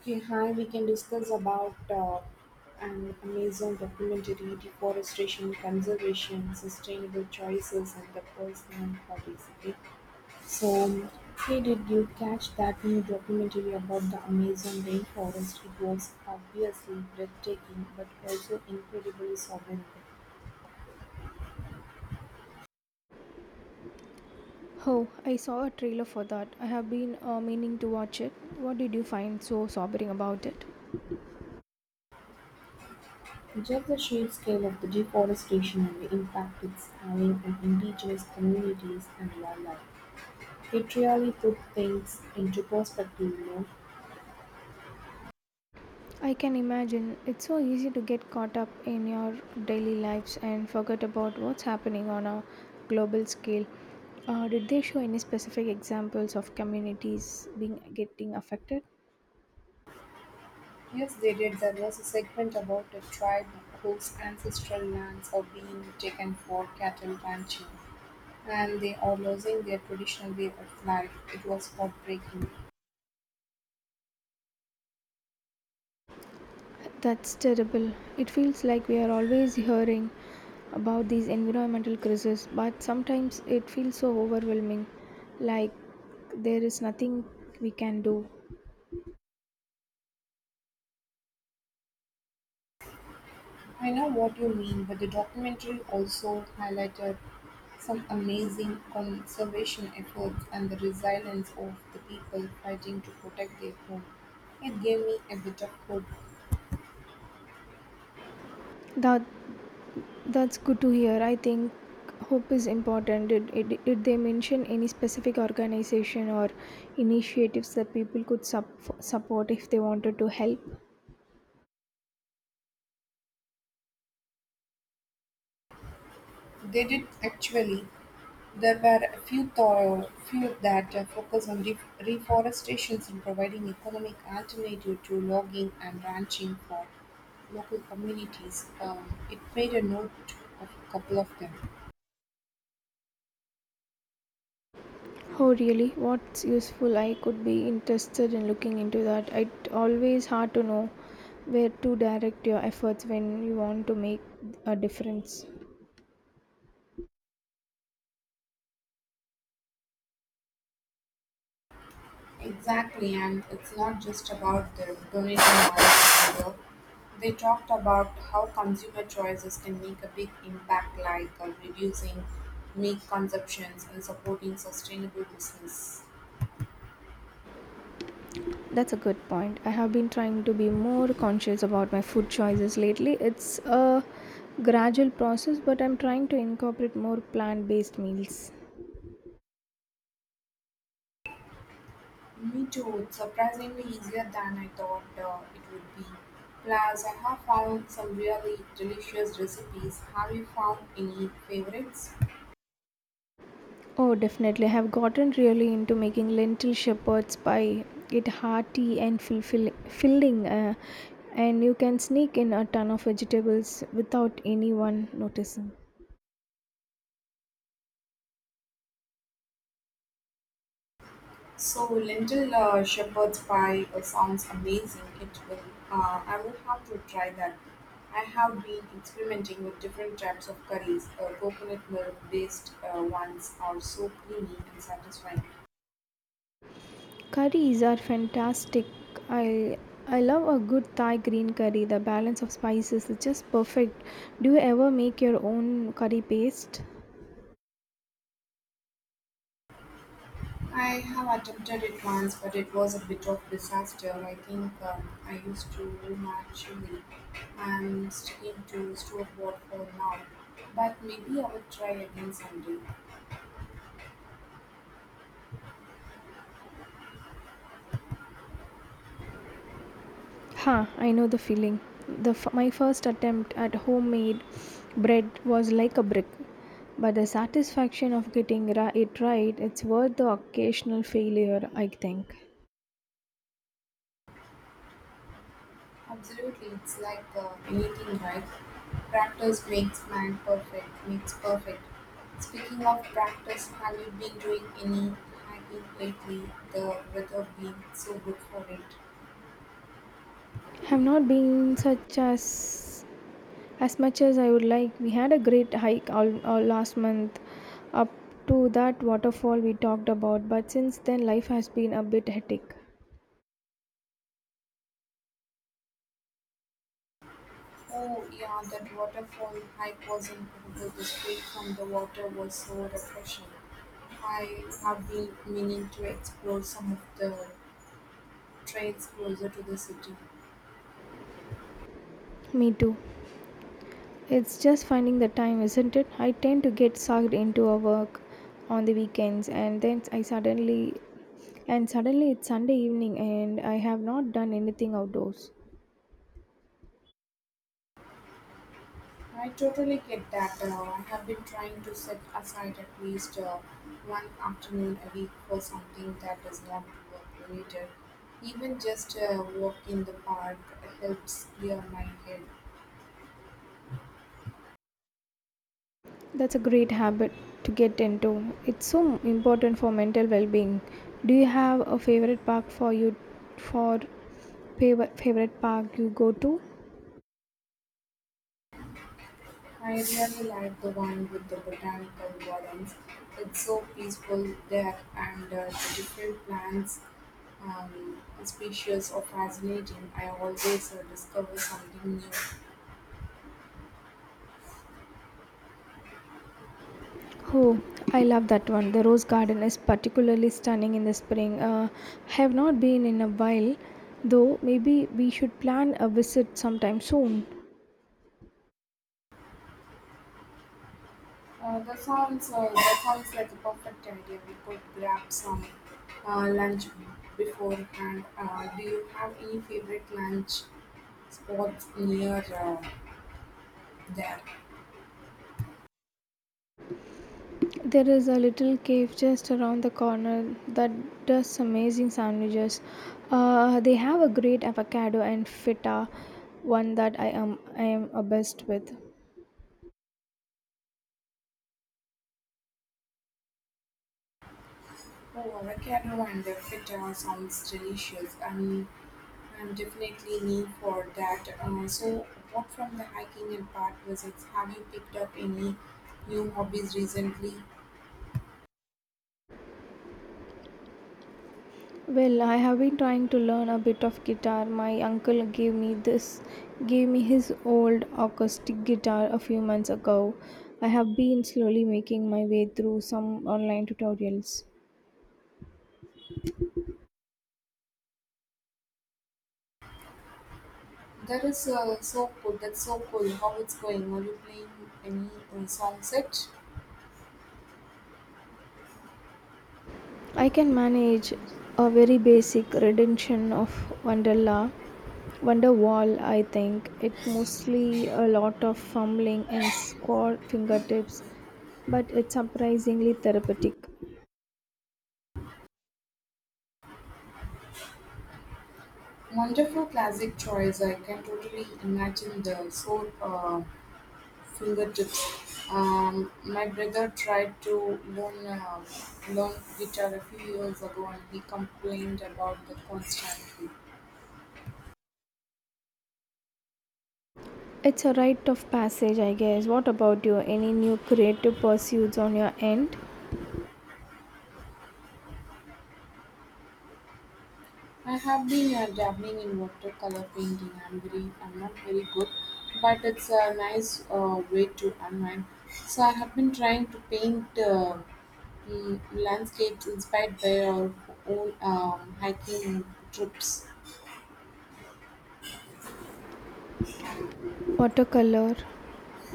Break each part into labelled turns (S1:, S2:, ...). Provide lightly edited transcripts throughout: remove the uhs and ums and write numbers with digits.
S1: Okay, hi, we can discuss about an amazing documentary, deforestation, conservation, sustainable choices, and the personal hobbies. Okay, so hey, did you catch that new documentary about the Amazon rainforest? It was obviously breathtaking, but also incredibly sobering.
S2: Oh, I saw a trailer for that. I have been meaning to watch it. What did you find so sobering about it?
S1: Just the sheer scale of the deforestation and the impact it's having on indigenous communities and wildlife. It really put things into perspective, you know.
S2: I can imagine it's so easy to get caught up in your daily lives and forget about what's happening on a global scale. Did they show any specific examples of communities being getting affected?
S1: Yes, they did. There was a segment about a tribe whose ancestral lands are being taken for cattle ranching, and they are losing their traditional way of life. It was heartbreaking.
S2: That's terrible. It feels like we are always hearing about these environmental crises, but sometimes it feels so overwhelming, like there is nothing we can do.
S1: I know what you mean, but the documentary also highlighted some amazing conservation efforts and the resilience of the people fighting to protect their home. It gave me a bit of hope.
S2: That that's good to hear. I think hope is important. Did they mention any specific organization or initiatives that people could support if they wanted to help?
S1: They did actually. There were a few that focus on reforestation and providing economic alternative to logging and ranching for local communities. It made a note of a couple of them.
S2: Oh, really? What's useful? I could be interested in looking into that. It's always hard to know where to direct your efforts when you want to make a difference.
S1: Exactly, and it's not just about the donating dollars either. They talked about how consumer choices can make a big impact, like reducing meat consumptions and supporting sustainable business.
S2: That's a good point. I have been trying to be more conscious about my food choices lately. It's a gradual process, but I'm trying to incorporate more plant based meals.
S1: Me too. It's surprisingly easier than I thought it would be. Plus, I have found some really delicious recipes. Have you found any favorites?
S2: Oh, definitely. I have gotten really into making lentil shepherd's pie. It hearty and filling, and you can sneak in a ton of vegetables without anyone noticing.
S1: So, lentil shepherd's pie sounds amazing. It will. I will have to try that. I have been experimenting with different types of curries. Coconut milk based ones are so creamy and satisfying.
S2: Curries are fantastic. I I love a good Thai green curry. The balance of spices is just perfect. Do you ever make your own curry paste?
S1: I have attempted it once, but it was a bit of disaster. I think I used too much chili. I'm sticking to store-bought for now, but maybe I will try again someday.
S2: Ha, I know the feeling. The my first attempt at homemade bread was like a brick, but the satisfaction of it right, it's worth the occasional failure, I think.
S1: Absolutely, it's like anything, right? Practice makes man perfect. Makes perfect. Speaking of practice, have you been doing any hiking lately? The weather being so good for it.
S2: Have not been such as much as I would like. We had a great hike all last month up to that waterfall we talked about, but since then life has been a bit hectic.
S1: Oh, yeah, that waterfall hike was incredible. The spray from the water was so refreshing. I have been meaning to explore some of the trails closer to the city.
S2: Me too. It's just finding the time, isn't it? I tend to get sucked into our work on the weekends and then I suddenly and suddenly it's Sunday evening and I have not done anything outdoors.
S1: I totally get that. I have been trying to set aside at least one afternoon a week for something that is not work related. Even just a walk in the park helps clear my head.
S2: That's a great habit to get into. It's so important for mental well-being. Do you have a for favorite park you go to?
S1: I really like the one with the botanical gardens. It's so peaceful there, and the different plants um, species are fascinating. I always discover something new.
S2: Oh, I love that one. The rose garden is particularly stunning in the spring. I have not been in a while, though. Maybe we should plan a visit sometime soon.
S1: That sounds like a perfect idea. We could grab some lunch beforehand. Do you have any favorite lunch spots near there?
S2: There is a little cave just around the corner that does amazing sandwiches. They have a great avocado and feta, one that I am obsessed with.
S1: Oh, avocado and the feta sounds delicious, and I'm definitely need for that. So, apart from the hiking and park visits, have you picked up any new hobbies recently?
S2: Well, I have been trying to learn a bit of guitar. My uncle gave me his old acoustic guitar a few months ago. I have been slowly making my way through some online tutorials.
S1: That is so cool. That's so cool. How it's going? Are you playing any song set?
S2: I can manage a very basic rendition of Wonderla Wonderwall, I think. It mostly a lot of fumbling and squat fingertips, but it's surprisingly therapeutic.
S1: Wonderful classic choice. I can totally imagine the soul. Fingertips. My brother tried to learn guitar a few years ago and he complained about the constant heat.
S2: It's a rite of passage, I guess. What about you? Any new creative pursuits on your end?
S1: I have been dabbling in watercolor painting. I'm not very good, but it's a nice way to unwind. So I have been trying to paint landscapes inspired by our own hiking trips.
S2: Watercolor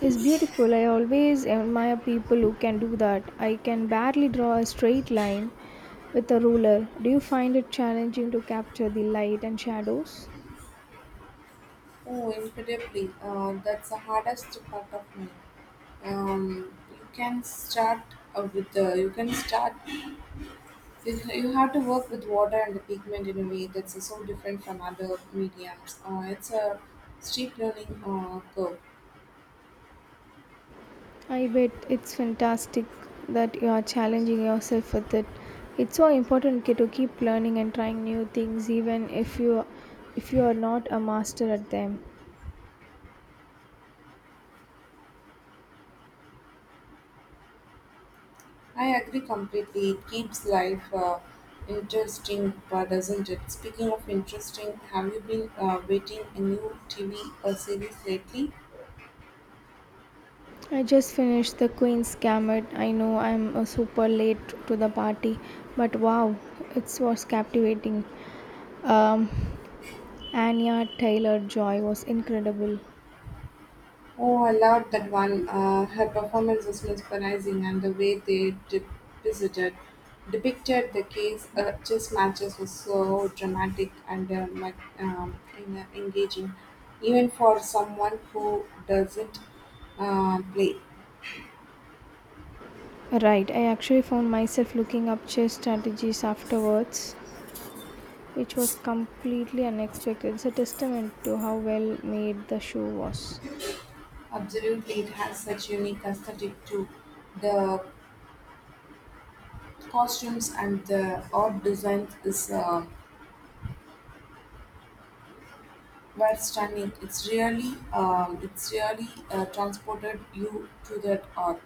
S2: is beautiful. I always admire people who can do that. I can barely draw a straight line with a ruler. Do you find it challenging to capture the light and shadows?
S1: Oh, incredibly. That's the hardest part of me. You can start with the. You can start. You have to work with water and the pigment in a way that's so different from other mediums. It's a steep learning curve.
S2: I bet it's fantastic that you are challenging yourself with it. It's so important, okay, to keep learning and trying new things even if you are not a master at them.
S1: I agree completely. It keeps life interesting, doesn't it? Speaking of interesting, have you been waiting a new TV series lately?
S2: I just finished The Queen's Gambit. I know I'm super late to the party, but wow, it was captivating. Um, Anya Taylor Joy was incredible.
S1: Oh, I loved that one. Her performance was mesmerizing, and the way they depicted the case chess matches was so dramatic and engaging, even for someone who doesn't play.
S2: Right, I actually found myself looking up chess strategies afterwards, which was completely unexpected. It's a testament to how well made the show was.
S1: Absolutely, it has such unique aesthetic too. The costumes and the odd designs is were stunning. It's really transported you to that art.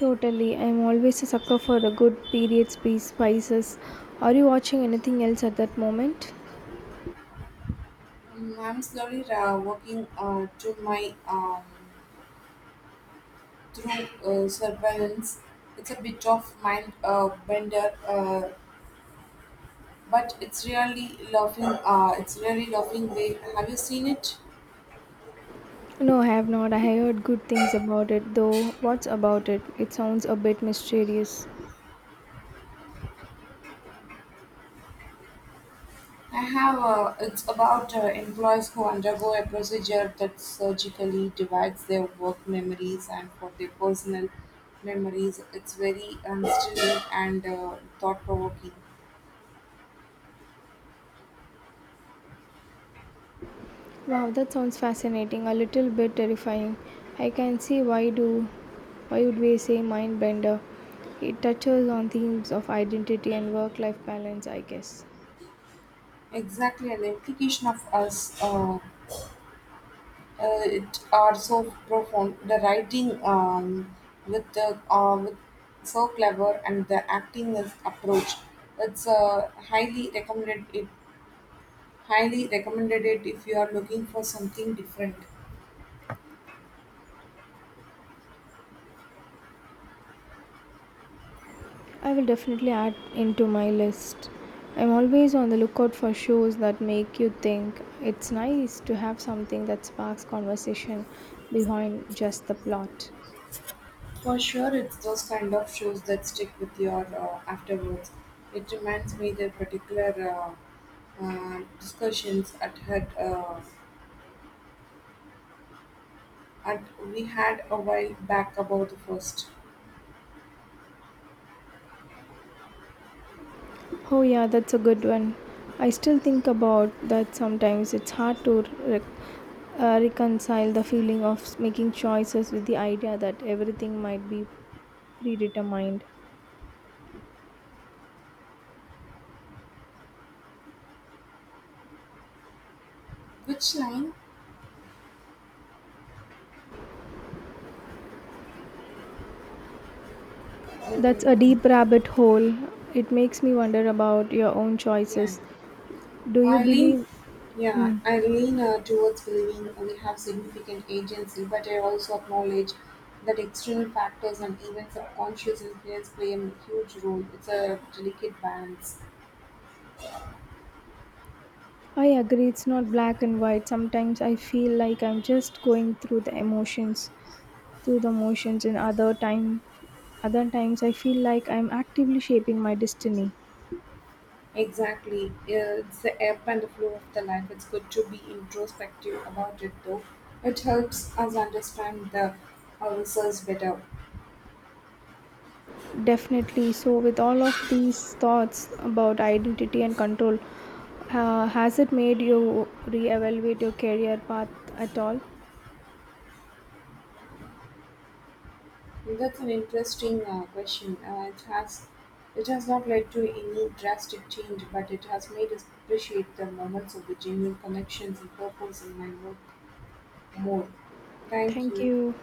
S2: Totally, I'm always a sucker for the good period piece, spices. Are you watching anything else at that moment?
S1: I'm slowly working to my through surveillance. It's a bit of mind bender, but it's really loving. It's really loving way. Have you seen it?
S2: No, I have not. I heard good things about it, though. What's about it? It sounds a bit mysterious.
S1: I have. It's about employees who undergo a procedure that surgically divides their work memories and for their personal memories. It's very unsettling and thought provoking.
S2: Wow, that sounds fascinating, a little bit terrifying. I can see why would we say mind bender? It touches on themes of identity and work-life balance, I guess.
S1: Exactly, an implication of us. It are so profound. The writing with so clever and the acting is approach. It highly recommended it if you are looking for something different.
S2: I will definitely add into my list. I'm always on the lookout for shows that make you think. It's nice to have something that sparks conversation behind just the plot.
S1: For sure, it's those kind of shows that stick with your afterwards. It reminds me the particular discussions at had at we had a while back about the first.
S2: Oh, yeah, that's a good one. I still think about that sometimes. It's hard to reconcile the feeling of making choices with the idea that everything might be predetermined.
S1: Which line?
S2: That's a
S1: Um,
S2: deep rabbit hole. It makes me wonder about your own
S1: yeah.
S2: choices. Do you
S1: I lean,
S2: believe?
S1: yeah,
S2: Mm,
S1: I lean towards believing we have significant agency, but I also acknowledge that external factors and even subconscious influence play a huge role. It's a delicate balance.
S2: I agree, it's not black and white. Sometimes I feel like I'm just going through the motions, and other times I feel like I'm actively shaping my destiny.
S1: Exactly, it's the ebb and the flow of the life. It's good to be introspective about it, though. It helps us understand the ourselves better.
S2: Definitely. So, with all of these thoughts about identity and control, has it made you reevaluate your career path at all?
S1: Well, that's an interesting question. It has not led to any drastic change, but it has made us appreciate the moments of the genuine connections and purpose in my work more. Thank
S2: Thank
S1: you.
S2: you.